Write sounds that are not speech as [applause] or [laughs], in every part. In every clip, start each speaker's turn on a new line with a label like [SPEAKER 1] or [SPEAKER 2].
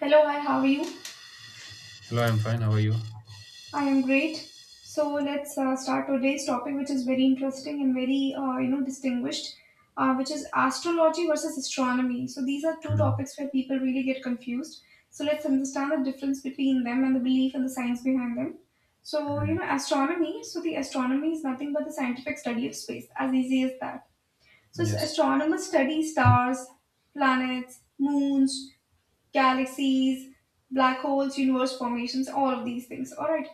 [SPEAKER 1] Hello, hi, how are you?
[SPEAKER 2] Hello, I'm fine. How are you?
[SPEAKER 1] I am great. So let's start today's topic, which is very interesting and very, distinguished, which is astrology versus astronomy. So these are two
[SPEAKER 2] Mm,
[SPEAKER 1] topics where people really get confused. So let's understand the difference between them and the belief and the science behind them. So, you
[SPEAKER 2] mm,
[SPEAKER 1] know, astronomy, so the astronomy is nothing but the scientific study of space, as easy as that. So,
[SPEAKER 2] yes.
[SPEAKER 1] astronomers study stars, planets, moons, galaxies, black holes, universe formations, all of these things. All right.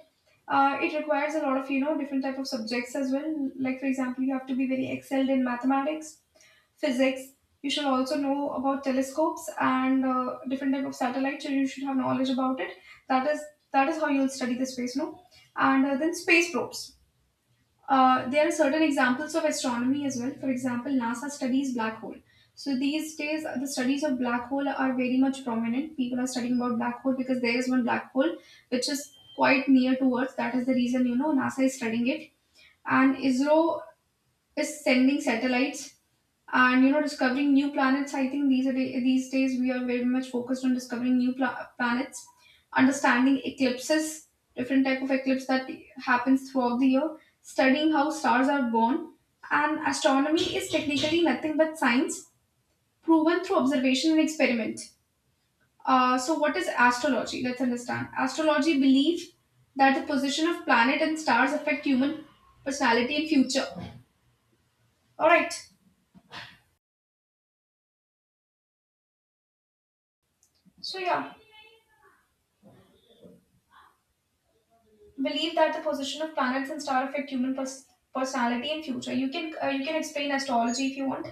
[SPEAKER 1] It requires a lot of different type of subjects as well. Like for example, you have to be very excelled in mathematics, physics. You should also know about telescopes and different type of satellites. So you should have knowledge about it. That is that is how you'll study the space, no? And then space probes, there are certain examples of astronomy as well. For example, NASA studies black hole. So these days, the studies of black hole are very much prominent. People are studying about black hole because there is one black hole which is quite near to Earth. That is the reason NASA is studying it, and ISRO is sending satellites and discovering new planets. I think these days we are very much focused on discovering planets, understanding eclipses, different type of eclipse that happens throughout the year, studying how stars are born. And astronomy is technically nothing but science proven through observation and experiment. So what is astrology? Let's understand astrology. Belief that the position of planet and stars affect human personality and future. All right. So yeah, believe that the position of planets and stars affect human personality and future. You can explain astrology if you want.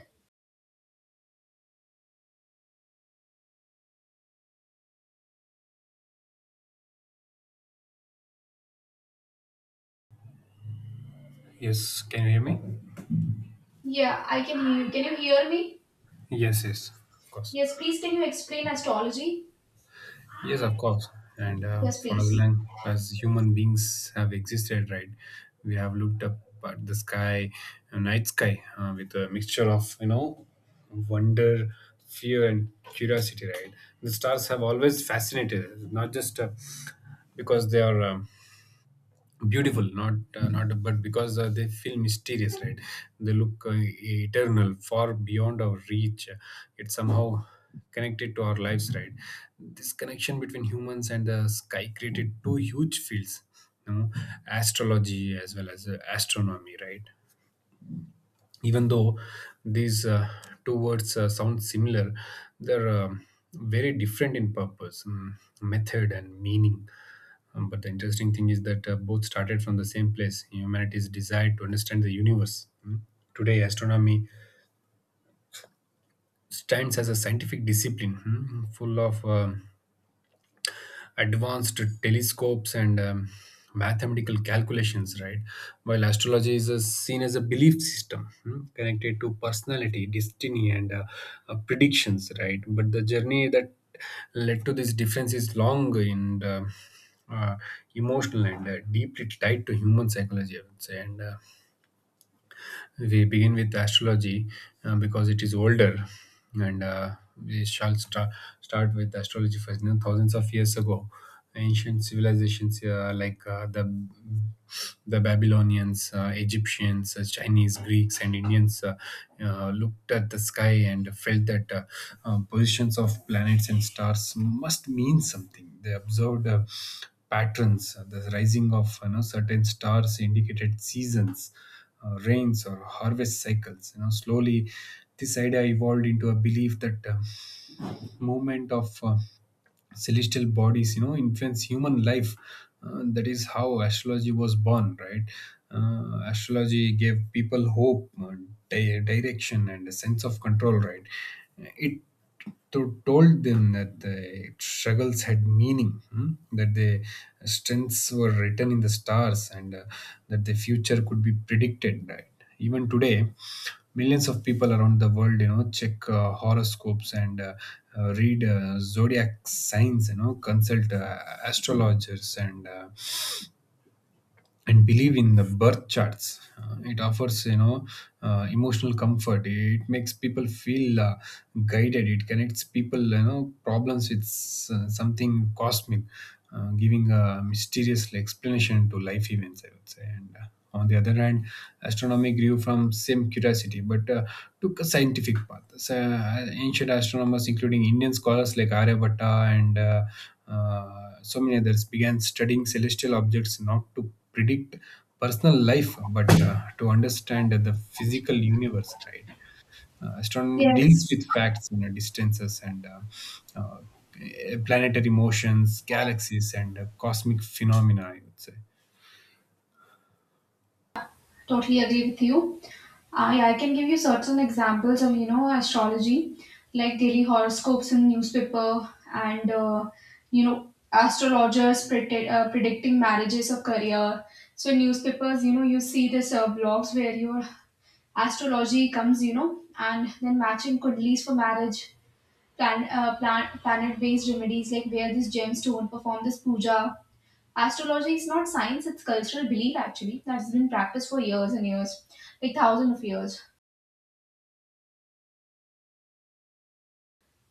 [SPEAKER 2] Yes. Can you hear me?
[SPEAKER 1] Yeah, I can hear you. Can you hear me?
[SPEAKER 2] Yes, yes. Of course.
[SPEAKER 1] Yes, please. Can you explain astrology?
[SPEAKER 2] Yes, of course. And
[SPEAKER 1] Yes,
[SPEAKER 2] for as
[SPEAKER 1] please.
[SPEAKER 2] long as human beings have existed, right, we have looked up at the sky, night sky, with a mixture of, wonder, fear, and curiosity, right? The stars have always fascinated us, not just because they are. Beautiful, not not but because they feel mysterious, right? They look eternal, far beyond our reach. It's somehow connected to our lives, right? This connection between humans and the sky created two huge fields, you know astrology as well as astronomy, right? Even though these two words sound similar, they're very different in purpose, mm, method, and meaning. But the interesting thing is that both started from the same place: humanity's desire to understand the universe. Mm. Today, astronomy stands as a scientific discipline, mm, full of advanced telescopes and mathematical calculations, right? While astrology is seen as a belief system, hmm, connected to personality, destiny, and predictions, right? But the journey that led to this difference is long and, uh, emotional, and deeply tied to human psychology, I would say. And we begin with astrology because it is older, and we shall start with astrology first. You know, thousands of years ago, ancient civilizations like the Babylonians, Egyptians, Chinese, Greeks, and Indians, looked at the sky and felt that, positions of planets and stars must mean something. They observed patterns. The rising of, you know, certain stars indicated seasons, rains, or harvest cycles. You know, slowly this idea evolved into a belief that, movement of, celestial bodies, you know, influence human life. That is how astrology was born, right? Astrology gave people hope, direction, and a sense of control, right? It to told them that the struggles had meaning, hmm, that the strengths were written in the stars, and that the future could be predicted. Right? Even today, millions of people around the world, you know, check horoscopes, and read zodiac signs. You know, consult astrologers, and believe in the birth charts. It offers, emotional comfort. It makes people feel guided. It connects people, you know, problems with something cosmic, giving a mysterious explanation to life events, I would say. And on the other hand, astronomy grew from same curiosity, but took a scientific path. Ancient astronomers, including Indian scholars like Aryabhatta, and so many others, began studying celestial objects not to predict personal life, but to understand the physical universe, right? Astronomy deals
[SPEAKER 1] Yes,
[SPEAKER 2] with facts and distances, and, planetary motions, galaxies, and cosmic phenomena, I would say.
[SPEAKER 1] totally agree with you. I can give you certain examples of astrology, like daily horoscopes in newspaper, and astrologers predict, predicting marriages or career. So in newspapers, you see this blogs where your astrology comes, you know, and then matching kundlis for marriage, planet-based remedies like wear this gemstone, perform this puja. Astrology is not science; it's cultural belief actually that's been practiced for years and years, like thousands of years.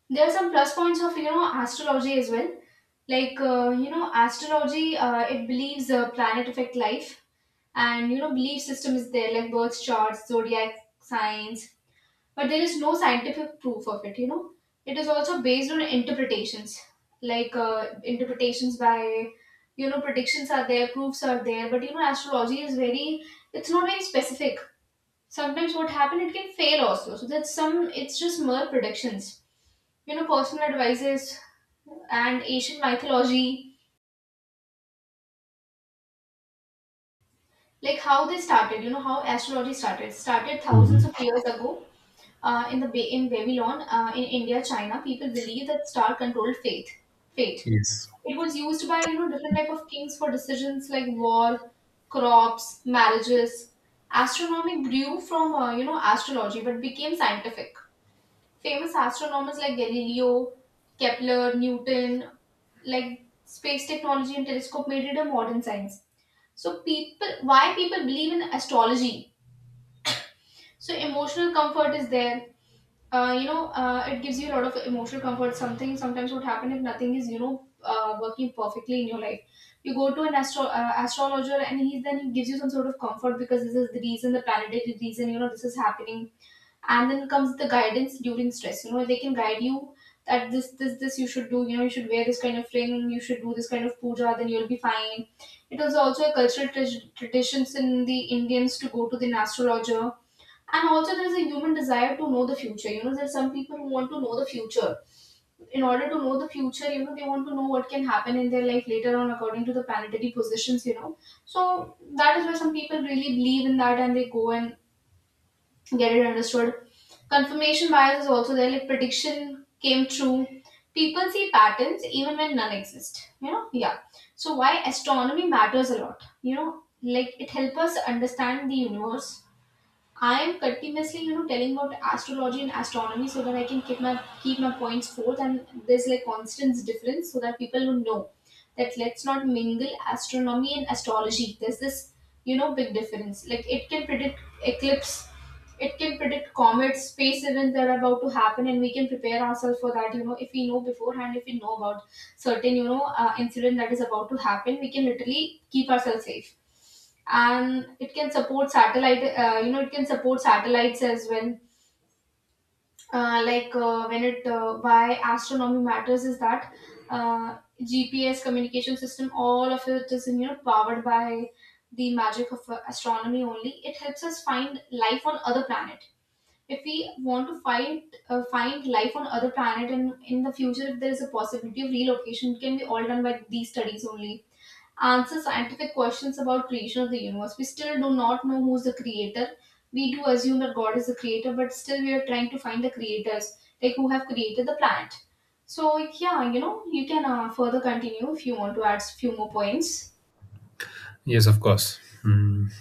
[SPEAKER 1] There are some plus points of astrology as well, like astrology. It believes planet affect life, and belief system is there like birth charts, zodiac signs, but there is no scientific proof of it. It is also based on interpretations, like interpretations by, predictions are there, proofs are there, but astrology is very, it's not very specific. Sometimes what happen, it can fail also, so that's some, it's just mere predictions, personal advices and ancient mythology. Like how they started, how astrology started thousands
[SPEAKER 2] Mhm.
[SPEAKER 1] of years ago, in the in Babylon, in India, China, people believed that star controlled fate.
[SPEAKER 2] Yes.
[SPEAKER 1] It was used by different type of kings for decisions like war, crops, marriages. Astronomy grew from astrology but became scientific. Famous astronomers like Galileo, Kepler, Newton, like space technology and telescope made it a modern science. So people, why people believe in astrology. So emotional comfort is there. It gives you a lot of emotional comfort. Something sometimes would happen if nothing is working perfectly in your life, you go to an astrologer and he gives you some sort of comfort because this is the reason, the planetary reason, this is happening. And then comes the guidance during stress. You know they can guide you that this you should do. You know, you should wear this kind of ring, you should do this kind of puja, then you'll be fine. It was also a cultural traditions in the Indians to go to the astrologer. And also there's a human desire to know the future. You know there's some people who want to know the future. In order to know the future, you know they want to know what can happen in their life later on according to the planetary positions, you know. So that is why some people really believe in that and they go and get it understood. Confirmation bias is also there, like prediction came true. People see patterns even when none exist. You know, yeah. So why astronomy matters a lot. You know, like it helps us understand the universe. I am continuously, you know, telling about astrology and astronomy so that I can keep my points forth and there's like constant difference so that people would know that let's not mingle astronomy and astrology. There's this, you know, big difference. Like it can predict eclipse, it can predict comets, space events that are about to happen, and we can prepare ourselves for that, you know, if we know beforehand, if we know about certain incident that is about to happen, we can literally keep ourselves safe. And it can support satellite, it can support satellites as well. Like when it Why astronomy matters is that, uh, GPS, communication system, all of it is powered by the magic of astronomy only. It helps us find life on other planets. If we want to find life on other planet, and in the future if there is a possibility of relocation, it can be all done by these studies only. Answer scientific questions about creation of the universe. We still do not know who's the creator. We do assume that God is the creator, but still we are trying to find the creators, like who have created the planet. So yeah, you know you can further continue if you want to add few more points.
[SPEAKER 2] Yes, of course. Mm.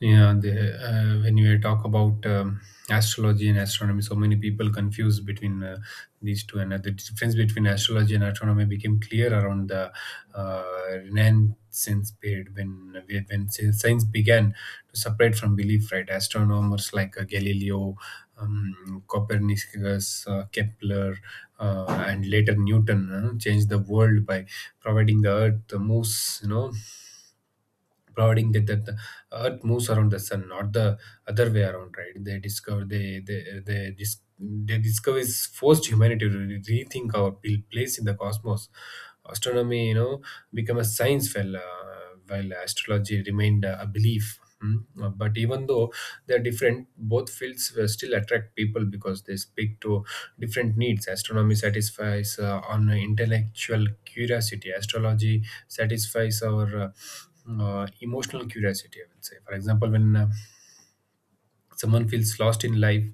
[SPEAKER 2] Yeah, when you talk about astrology and astronomy, so many people confuse between these two, and the difference between astrology and astronomy became clear around the uh, Renaissance period when science began to separate from belief. Right, astronomers like Galileo, Copernicus, Kepler, and later Newton changed the world by providing the Earth moves, you know, providing that the earth moves around the sun, not the other way around, right? They discover they they they, dis- they discover is forced humanity to rethink our place in the cosmos. Astronomy, you know, become a science, while astrology remained a belief. Mm. But even though they're different, both fields still attract people because they speak to different needs. Astronomy satisfies on intellectual curiosity. Astrology satisfies our emotional curiosity, I would say. For example, when someone feels lost in life,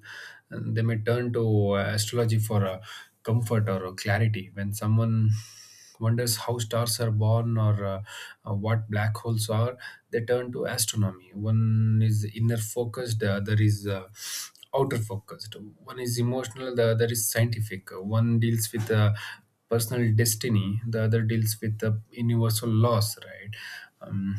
[SPEAKER 2] and they may turn to astrology for comfort or clarity. When someone wonders how stars are born, or what black holes are, they turn to astronomy. One is inner focused, the other is outer focused. One is emotional, the other is scientific. One deals with personal destiny, the other deals with the universal laws, right? Um,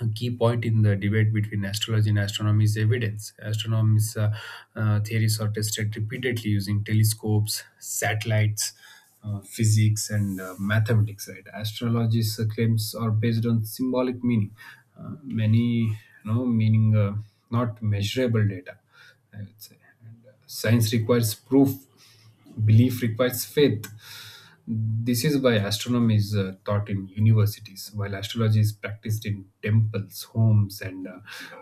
[SPEAKER 2] a key point in the debate between astrology and astronomy is evidence. Astronomy's theories are tested repeatedly using telescopes, satellites, physics, and mathematics. Right? Astrology's claims are based on symbolic meaning, many you know meaning, not measurable data, I would say. Science requires proof, belief requires faith. This is why astronomy is taught in universities, while astrology is practiced in temples, homes, and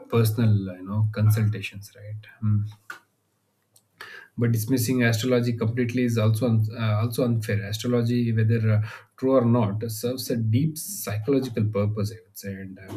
[SPEAKER 2] personal, consultations. Right. Mm. But dismissing astrology completely is also also unfair. Astrology, whether true or not, serves a deep psychological purpose, I would say. And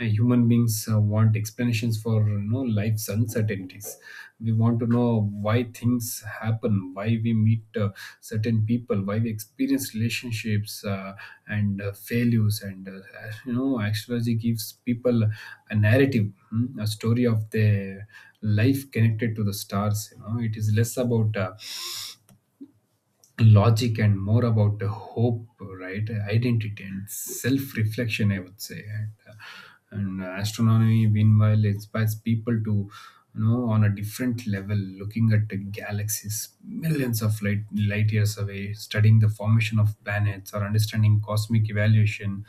[SPEAKER 2] Human beings want explanations for, you know, life's uncertainties. We want to know why things happen, why we meet certain people, why we experience relationships, and failures, and you know, astrology gives people a narrative, hmm, a story of their life connected to the stars. You know, it is less about logic and more about the hope, right? Identity and self-reflection, I would say. And astronomy, meanwhile, inspires people to, you know, on a different level, looking at the galaxies millions of light years away, studying the formation of planets, or understanding cosmic evaluation,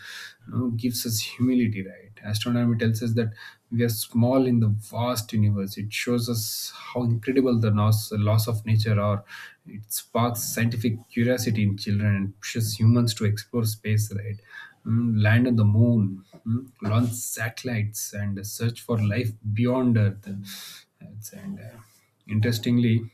[SPEAKER 2] you know, gives us humility, right? Right, astronomy tells us that we are small in the vast universe. It shows us how incredible the laws of nature are. It sparks scientific curiosity in children and pushes humans to explore space, right? Mm, land on the moon, mm, launch satellites, and search for life beyond earth. That's- and Interestingly,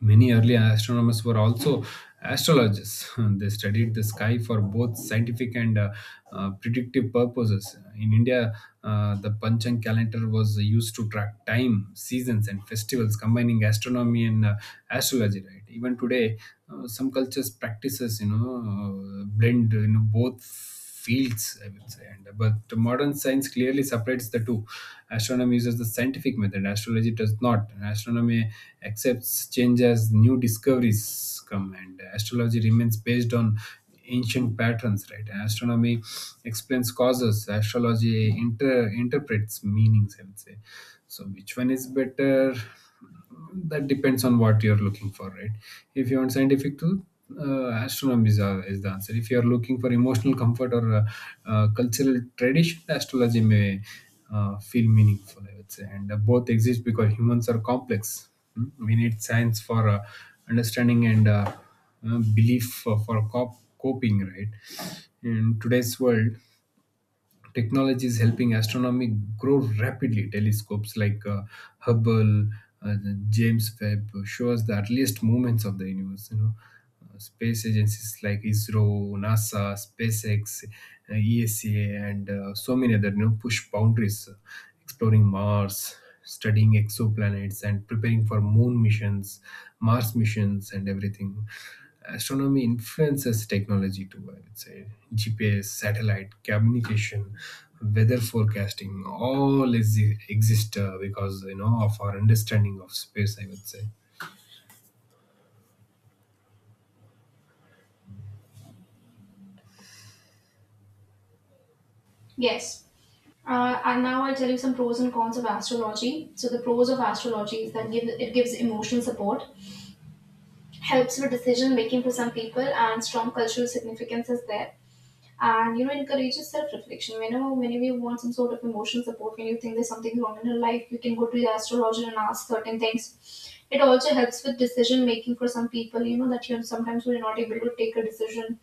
[SPEAKER 2] many early astronomers were also astrologers. [laughs] They studied the sky for both scientific and predictive purposes. In India, the Panchang calendar was used to track time, seasons, and festivals, combining astronomy and astrology. Right? Even today, some cultures practices, you know, blend, you know, both fields, I would say. And but the modern science clearly separates the two. Astronomy uses the scientific method; astrology does not. And astronomy accepts change as new discoveries come, and astrology remains based on ancient patterns, right? Astronomy explains causes, astrology interprets meanings, I would say. So which one is better? That depends on what you're looking for, right? If you want scientific truth, astronomy is the answer. If you are looking for emotional comfort, or cultural tradition, astrology may feel meaningful, I would say. And both exist because humans are complex. Mm, we need science for understanding, and belief for, coping, right? In today's world, technology is helping astronomy grow rapidly. Telescopes like Hubble, uh, James Webb show us the earliest moments of the universe. You know, space agencies like ISRO, NASA, SpaceX, ESA, and so many other, you know, push boundaries, exploring Mars, studying exoplanets, and preparing for moon missions, Mars missions, and everything. Astronomy influences technology too, I would say. GPS, satellite, communication, weather forecasting, all is, exist because, you know, of our understanding of space, I would say.
[SPEAKER 1] Yes. And now I'll tell you some pros and cons of astrology. So the pros of astrology is that it gives emotional support, helps with decision making for some people, and strong cultural significance is there. And you know, encourages self reflection. Whenever you want some sort of emotional support, when you think there's something wrong in your life, you can go to the astrologer and ask certain things. It also helps with decision making for some people. You know that you, sometimes we're not able to take a decision,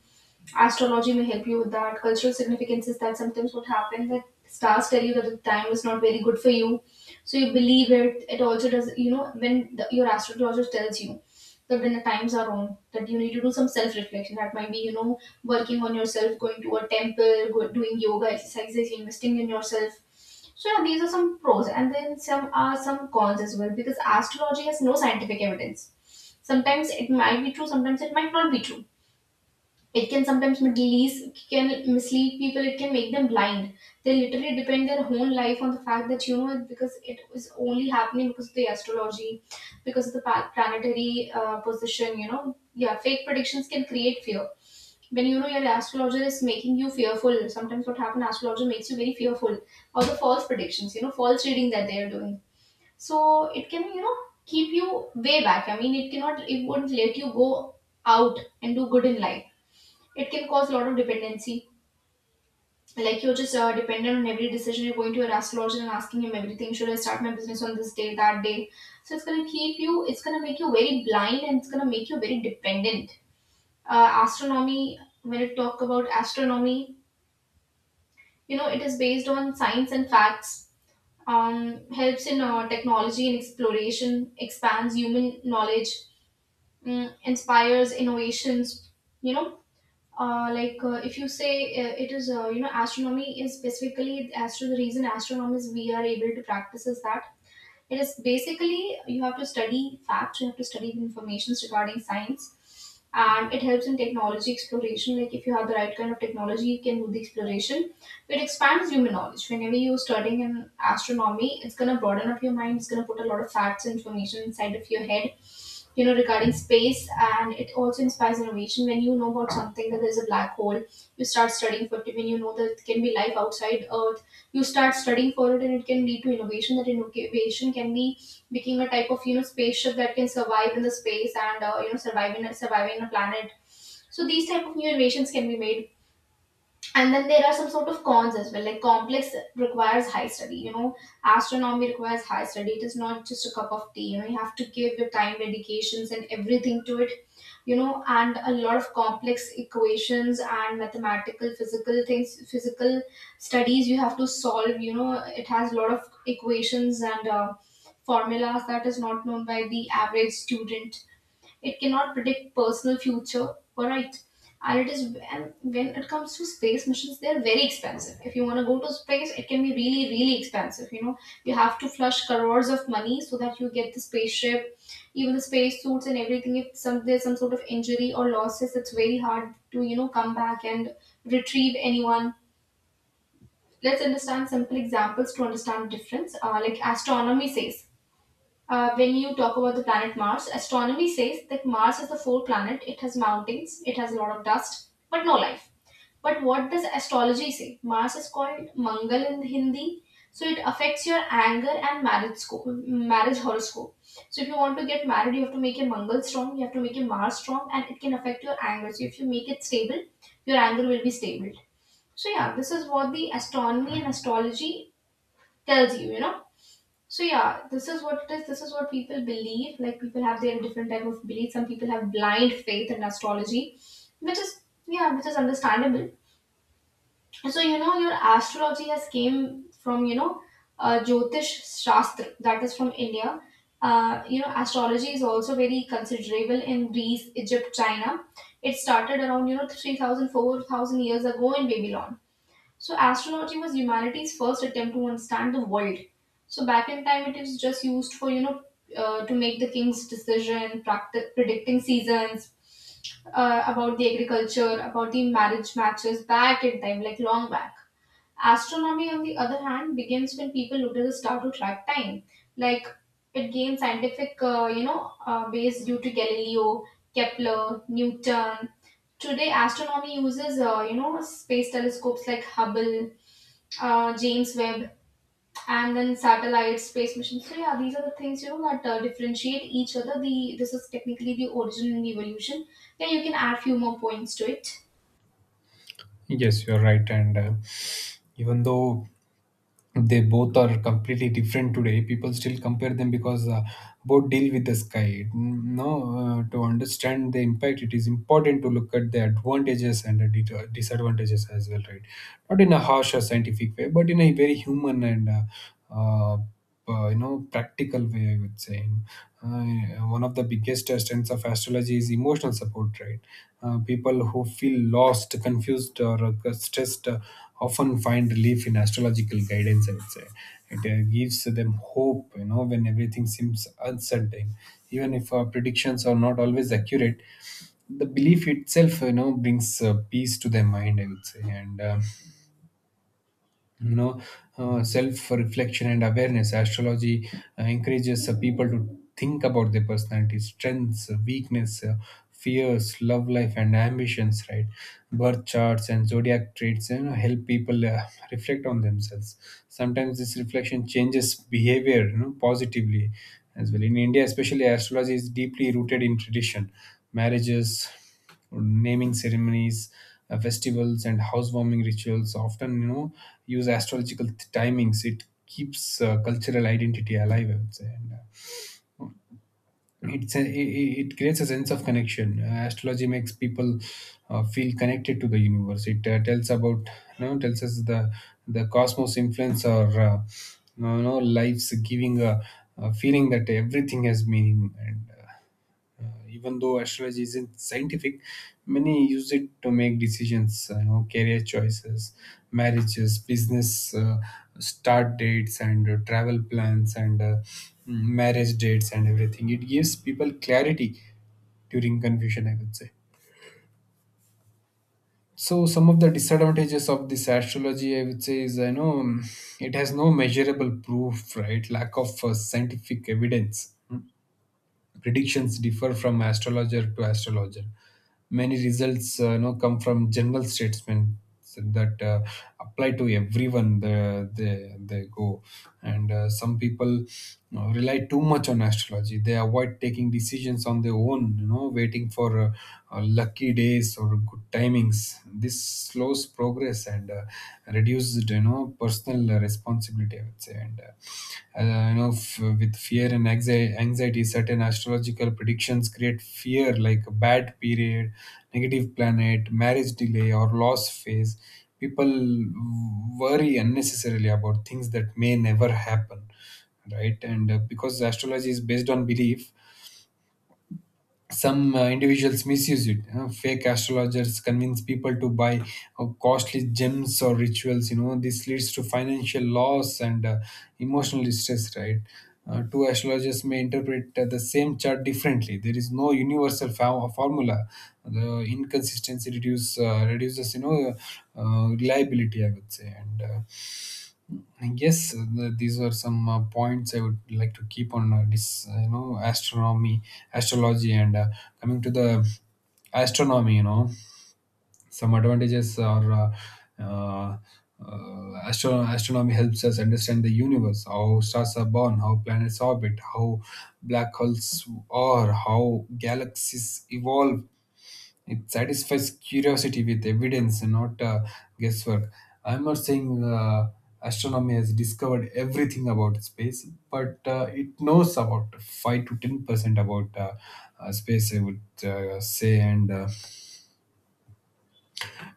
[SPEAKER 1] astrology may help you with that. Cultural significance is that sometimes what happens, that stars tell you that the time is not very good for you, so you believe it. It also does, you know, when your astrologer tells you that when the times are wrong, that you need to do some self-reflection, that might be, you know, working on yourself, going to a temple, doing yoga exercises, investing in yourself. So yeah, these are some pros, and then some are some cons as well, because astrology has no scientific evidence. Sometimes it might be true, sometimes it might not be true. It can sometimes mislead, can mislead people, it can make them blind. They literally depend their whole life on the fact that, you know, because it is only happening because of the astrology, because of the planetary position, you know. Yeah, fake predictions can create fear. When, you know, your astrologer is making you fearful, sometimes what happens, astrologer makes you very fearful, or the false predictions, you know, false reading that they are doing. So it can, you know, keep you way back. I mean, it cannot, it wouldn't let you go out and do good in life. It can cause a lot of dependency. Like you're just dependent on every decision. You're going to your astrologer and asking him everything. Should I start my business on this day, that day? So it's gonna keep you. It's gonna make you very blind, and it's gonna make you very dependent. Astronomy. When it talk about astronomy, you know it is based on science and facts. Helps in technology and exploration. Expands human knowledge. Mm, inspires innovations. You know like if you say it is you know Astronomy is specifically, as to the reason astronomers we are able to practice, is that it is basically, you have to study facts, you have to study the informations regarding science, and it helps in technology exploration. Like if you have the right kind of technology, you can do the exploration. It expands human knowledge. Whenever you're studying in astronomy, it's gonna broaden up your mind. It's gonna put a lot of facts and information inside of your head, regarding space, and it also inspires innovation. When you know about something, that there's a black hole, you start studying for it. When you know that there can be life outside earth, you start studying for it, and it can lead to innovation. That innovation can be becoming a type of, spaceship that can survive in the space and survive in a planet. So these type of new innovations can be made. And then there are some sort of cons as well, like complex, requires high study, astronomy requires high study. It is not just a cup of tea, you have to give your time, dedications, and everything to it, and a lot of complex equations and mathematical, physical things, physical studies you have to solve, it has a lot of equations and formulas that is not known by the average student. It cannot predict personal future. Alright. And when it comes to space missions, they're very expensive. If you want to go to space, it can be really, really expensive, you have to flush crores of money so that you get the spaceship, even the space suits and everything. If some there's some sort of injury or losses, it's very hard to, come back and retrieve anyone. Let's understand simple examples to understand difference. Like, astronomy says, when you talk about the planet Mars, astronomy says that Mars is the fourth planet. It has mountains, it has a lot of dust, but no life. But what does astrology say? Mars is called Mangal in Hindi, so it affects your anger and marriage scope, marriage horoscope. So if you want to get married, you have to make your Mangal strong, you have to make your Mars strong, and it can affect your anger. So if you make it stable, your anger will be stable. So yeah, this is what the astronomy and astrology tells you, you know. So yeah, this is what it is. This is what people believe. Like, people have their different type of beliefs. Some people have blind faith in astrology, which is, yeah, which is understandable. So, your astrology has came from, Jyotish Shastra, that is from India. Astrology is also very considerable in Greece, Egypt, China. It started around, 3,000, 4,000 years ago in Babylon. So astronautry was humanity's first attempt to understand the world. So back in time, it is just used for, to make the king's decision, predicting seasons, about the agriculture, about the marriage matches, back in time, like long back. Astronomy, on the other hand, begins when people notice a star to track time. Like, it gained scientific, base due to Galileo, Kepler, Newton. Today, astronomy uses, space telescopes like Hubble, James Webb, and then satellites, space missions. So yeah, these are the things, that differentiate each other. The This is technically the origin and evolution. Then you can add few more points to it.
[SPEAKER 2] Yes, you're right. And even though they both are completely different, today people still compare them because both deal with the sky, no? To understand the impact, it is important to look at the advantages and the disadvantages as well, right? Not in a harsh or scientific way, but in a very human and, uh, practical way, I would say. One of the biggest strengths of astrology is emotional support, right? People who feel lost, confused, or stressed often find relief in astrological guidance, I would say. It gives them hope, you know, when everything seems uncertain, even if our predictions are not always accurate, the belief itself, you know, brings peace to their mind, I would say. And you know Self reflection and awareness: astrology encourages people to think about their personality strengths, weakness, fears, love life, and ambitions, right? Birth charts and zodiac traits, you know, help people reflect on themselves. Sometimes this reflection changes behavior, you know, positively as well. In India especially, astrology is deeply rooted in tradition. Marriages, naming ceremonies, festivals, and housewarming rituals often, you know, use astrological timings. It keeps cultural identity alive, I would say. It creates a sense of connection. Astrology makes people feel connected to the universe. It tells about, tells us the cosmos influence or lives giving a feeling that everything has meaning and. Even though astrology isn't scientific, many use it to make decisions, you know, career choices, marriages, business start dates, and travel plans, and marriage dates, and everything. It gives people clarity during confusion, I would say. So some of the disadvantages of this astrology, I would say, is I know it has no measurable proof, right? Lack of scientific evidence. Predictions differ from astrologer to astrologer. Many results come from general statements that apply to everyone they go. And Some people you rely too much on astrology. They avoid taking decisions on their own, you know, waiting for lucky days or good timings. This slows progress and reduced personal responsibility, I would say. And you know f- With fear and anxiety, certain astrological predictions create fear, like a bad period, negative planet, marriage delay, or loss phase. People worry unnecessarily about things that may never happen, right? and Because astrology is based on belief, some individuals misuse it. Fake astrologers convince people to buy costly gems or rituals. You know, this leads to financial loss and emotional distress, right? Two astrologers may interpret the same chart differently. There is no universal formula. The inconsistency reduces, reliability, I would say. And. Yes, these are some points I would like to keep on astronomy, astrology, and coming to the astronomy. You know, some advantages are, uh, astronomy helps us understand the universe, how stars are born, how planets orbit, how black holes are, how galaxies evolve. It satisfies curiosity with evidence, not guesswork. I'm not saying astronomy has discovered everything about space, but it knows about 5 to 10% about space, I would say. And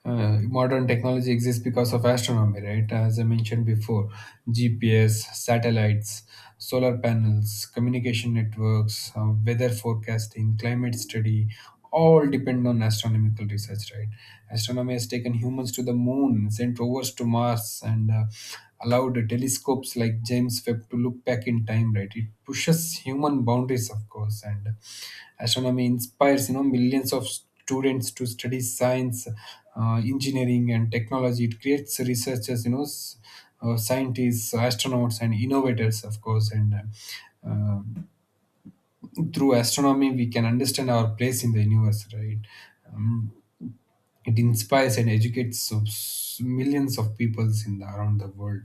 [SPEAKER 2] Modern technology exists because of astronomy, right? As I mentioned before, GPS, satellites, solar panels, communication networks, weather forecasting, climate study, all depend on astronomical research, right? Astronomy has taken humans to the moon, sent rovers to Mars, and allowed telescopes like James Webb to look back in time, right? It pushes human boundaries, of course. And astronomy inspires, millions of students to study science, engineering, and technology. It creates researchers, scientists, astronauts, and innovators, of course. And uh, Through astronomy, we can understand our place in the universe, right? Um, it inspires and educates millions of peoples in around the world.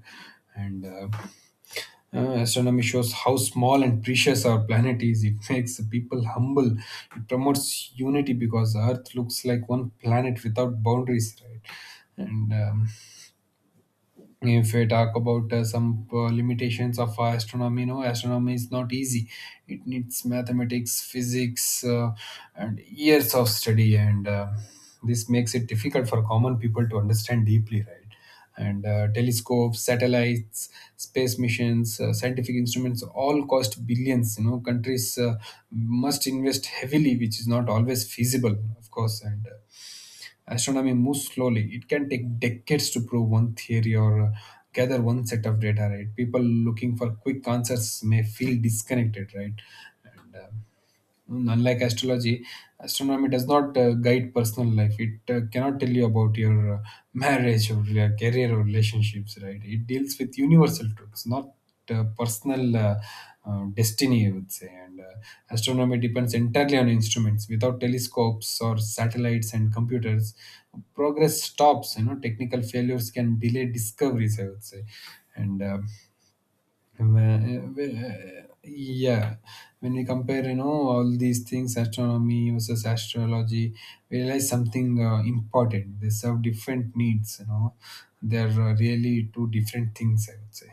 [SPEAKER 2] And. Astronomy shows how small and precious our planet is. It makes the people humble. It promotes unity because Earth looks like one planet without boundaries, right? And If we talk about some limitations of astronomy, no, astronomy is not easy. It needs mathematics, physics, and years of study, and this makes it difficult for common people to understand deeply, right? and Telescopes, satellites, space missions, scientific instruments all cost billions, you know. Countries must invest heavily, which is not always feasible, of course. And Astronomy moves slowly. It can take decades to prove one theory or gather one set of data, right? People looking for quick answers may feel disconnected, right? And uh, Unlike astrology, astronomy does not guide personal life. It cannot tell you about your [laughs] marriage or your career or relationships, right? It deals with universal truths, not personal destiny, I would say. And Astronomy depends entirely on instruments. Without telescopes or satellites and computers, progress stops. You know, technical failures can delay discoveries, I would say. And uh, yeah, when we compare, you know, all these things, astronomy versus astrology, we realize something important. They serve different needs, you know. They're really two different things, I would say.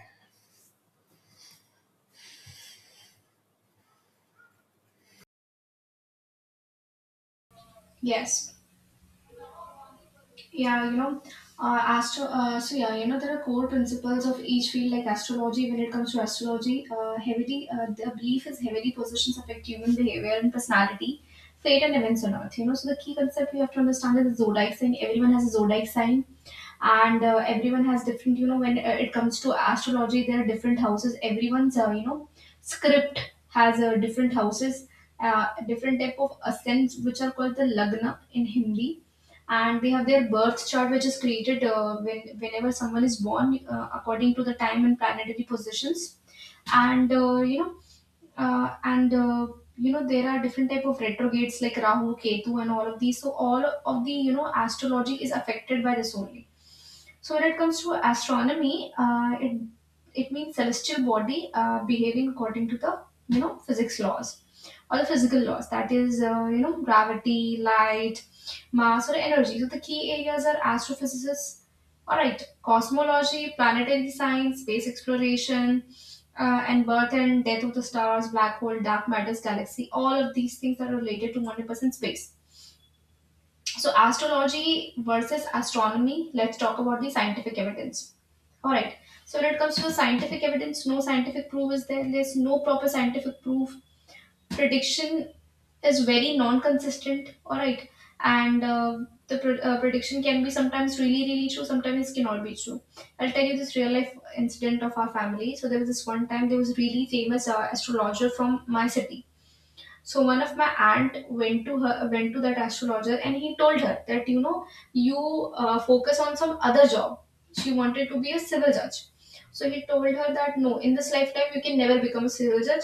[SPEAKER 1] Yes. Yeah, you know, astro. So yeah, you know, there are core principles of each field, like astrology. When it comes to astrology, heavily, the belief is heavily positions affect human behavior and personality, fate and events on earth. You know, so the key concept we have to understand is the zodiac sign. Everyone has a zodiac sign, and everyone has different, when it comes to astrology, there are different houses. Everyone's, script has different houses, different type of ascents, which are called the lagna in Hindi, and they have their birth chart, which is created whenever someone is born, according to the time and planetary positions, and, uh, and uh, there are different type of retrogrades, like Rahu, Ketu, and all of these. So all of the, astrology is affected by this only. So when it comes to astronomy, it means celestial body behaving according to the, physics laws, or the physical laws, that is, gravity, light, mass, or energy. So the key areas are astrophysicists, all right cosmology, planetary science, space exploration, and Burton, death of the stars, black hole, dark matters, galaxy, all of these things are related to 100% space. So, astrology versus astronomy, let's talk about the scientific evidence. Alright, so when it comes to the scientific evidence, no scientific proof is there, there's no proper scientific proof. Prediction is very non-consistent. All right and prediction can be sometimes really, really true, sometimes it cannot be true. I'll tell you this real life incident of our family. So there was this one time, there was a really famous astrologer from my city. So one of my aunt went to that astrologer, and he told her that, you know you focus on some other job. She wanted to be a civil judge. So he told her that, no, in this lifetime you can never become a civil judge.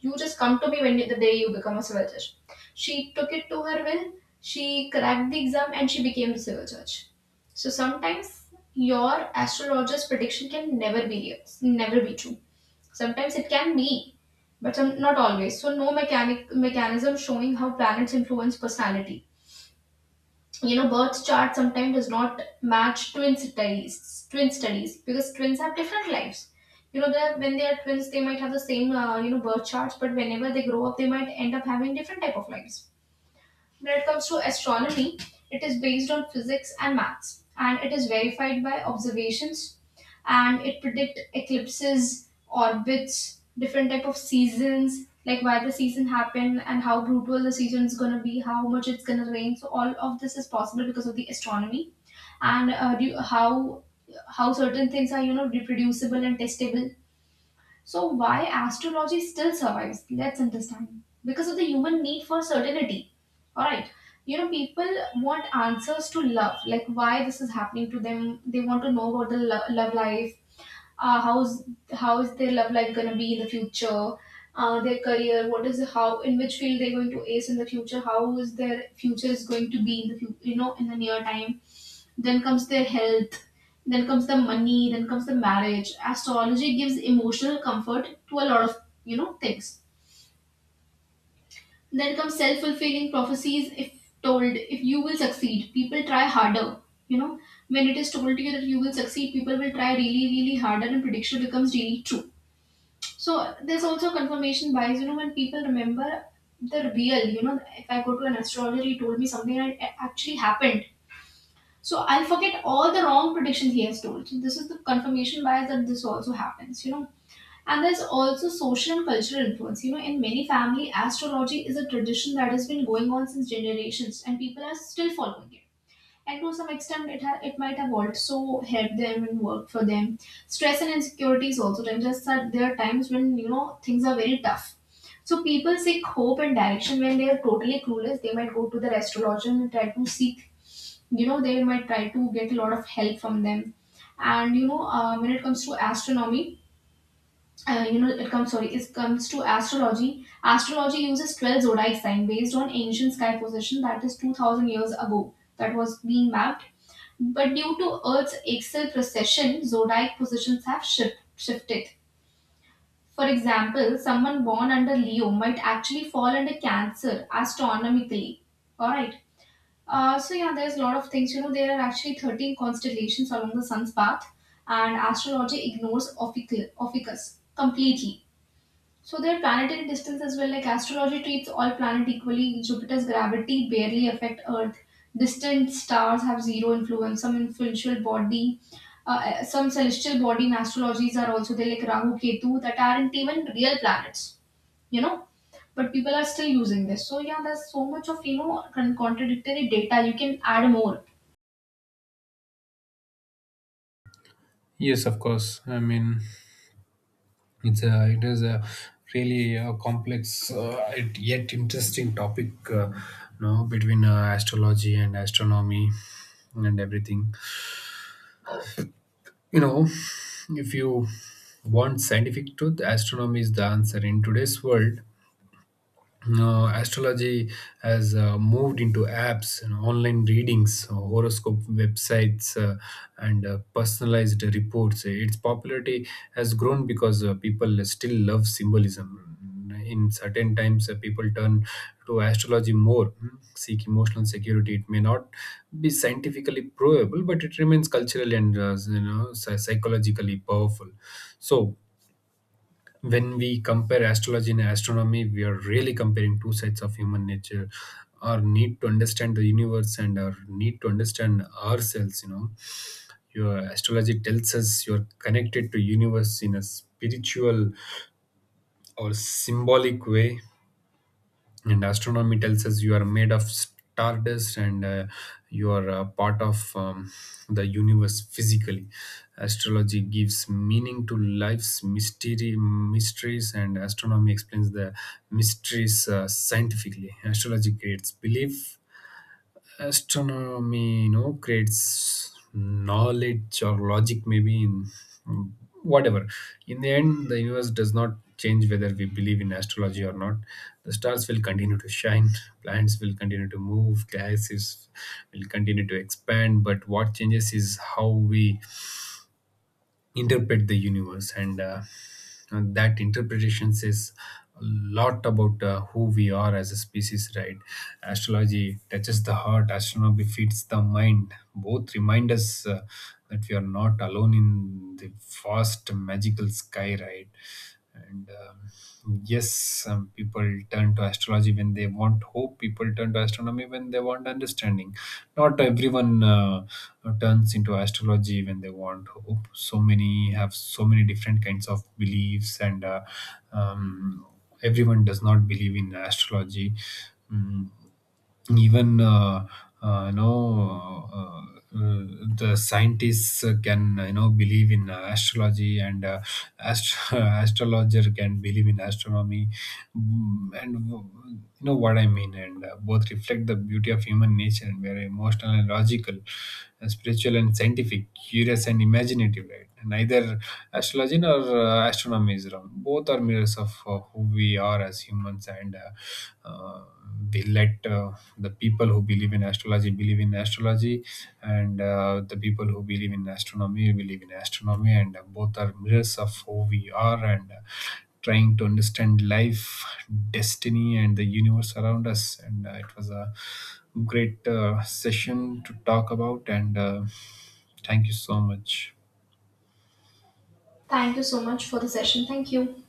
[SPEAKER 1] You just come to me when the day you become a civil judge. She took it to her will. She cracked the exam and she became a civil judge. So sometimes your astrologer's prediction can never be real, never be true. Sometimes it can be, but some, not always. So no mechanic mechanism showing how planets influence personality. You know, birth chart sometimes does not match twin studies. Twin studies, because twins have different lives. You know, when they are twins, they might have the same, birth charts, but whenever they grow up, they might end up having different type of lives. When it comes to astronomy, it is based on physics and maths, and it is verified by observations, and it predict eclipses, orbits, different type of seasons, like why the season happened and how brutal the season is gonna be, how much it's gonna rain. So all of this is possible because of the astronomy, and how certain things are, reproducible and testable. So, why astrology still survives? Let's understand. Because of the human need for certainty. Alright. You know, people want answers to love, like why this is happening to them. They want to know about the love life, how is their love life gonna be in the future, their career, what is how, in which field they're going to ace in the future, how is their future is going to be in the in the near time. Then comes their health. Then comes the money. Then comes the marriage. Astrology gives emotional comfort to a lot of, things. Then comes self fulfilling prophecies. If told, if you will succeed, people try harder. You know, when it is told to you that you will succeed, people will try really, really harder, and prediction becomes really true. So there's also confirmation bias. You know, when people remember the real, you know, if I go to an astrologer, he told me something and it actually happened, so I'll forget all the wrong predictions he has told. So this is the confirmation bias, that this also happens, you know. And there's also social and cultural influence. You know, in many family, astrology is a tradition that has been going on since generations, and people are still following it. And to some extent, it might have also helped them and worked for them. Stress and insecurities also. Just that there are times when, things are very tough. So people seek hope and direction when they are totally clueless. They might go to their astrologer and try to seek, they might try to get a lot of help from them. And you know when it comes to astronomy you know it comes sorry it comes to astrology. Astrology uses 12 zodiac sign based on ancient sky position, that is 2000 years ago that was being mapped. But due to earth's axial precession, zodiac positions have shifted. For example, someone born under Leo might actually fall under Cancer astronomically. All right So yeah, there's a lot of things. You know, there are actually 13 constellations along the sun's path, and astrology ignores Ophicus completely. So there are planetary distance as well. Like, astrology treats all planets equally. Jupiter's gravity barely affect Earth. Distant stars have zero influence. Some influential body, some celestial body in astrologies are also there, like Rahu, Ketu, that aren't even real planets, you know. But people are still using this. So yeah, there's so much of, con- contradictory data. You can add more.
[SPEAKER 2] Yes, of course, I mean, it is a really a complex, yet interesting topic, you know, between astrology and astronomy and everything. You know, if you want scientific truth, astronomy is the answer. In today's world, astrology has moved into apps and online readings, horoscope websites, and personalized reports. Its popularity has grown because people still love symbolism. In certain times, people turn to astrology more, seek emotional security. It may not be scientifically provable, but it remains culturally and, psychologically powerful. So when we compare astrology and astronomy, we are really comparing two sides of human nature, our need to understand the universe and our need to understand ourselves, you know. Your astrology tells us you're connected to universe in a spiritual or symbolic way, and astronomy tells us you are made of stardust and you are a part of the universe physically. Astrology gives meaning to life's mystery mysteries and astronomy explains the mysteries scientifically. Astrology creates belief, astronomy, you know, creates knowledge or logic, maybe. In whatever, in the end, the universe does not change whether we believe in astrology or not. The stars will continue to shine, planets will continue to move, galaxies will continue to expand, but what changes is how we interpret the universe. And that interpretation says a lot about who we are as a species, right? Astrology touches the heart, astronomy feeds the mind. Both remind us that we are not alone in the vast magical sky, right? and Yes, some people turn to astrology when they want hope, people turn to astronomy when they want understanding. Not everyone turns into astrology when they want hope. So many have so many different kinds of beliefs. And um, Everyone does not believe in astrology. Mm, even you know uh, the scientists can, you know, believe in astrology, and [laughs] astrologer can believe in astronomy. Mm, and w- you know what I mean. And both novels reflect the beauty of human nature and were emotional and logical, spiritual and scientific, curious and imaginative, right? Neither astrology nor astronomy is wrong. Both are mirrors of who we are as humans. And uh, uh, we let the people who believe in astrology, and the people who believe in astronomy believe in astronomy, and both are mirrors of who we are and trying to understand life, destiny, and the universe around us. And it was a great session to talk about. And Thank you so much.
[SPEAKER 1] Thank you so much for the session thank you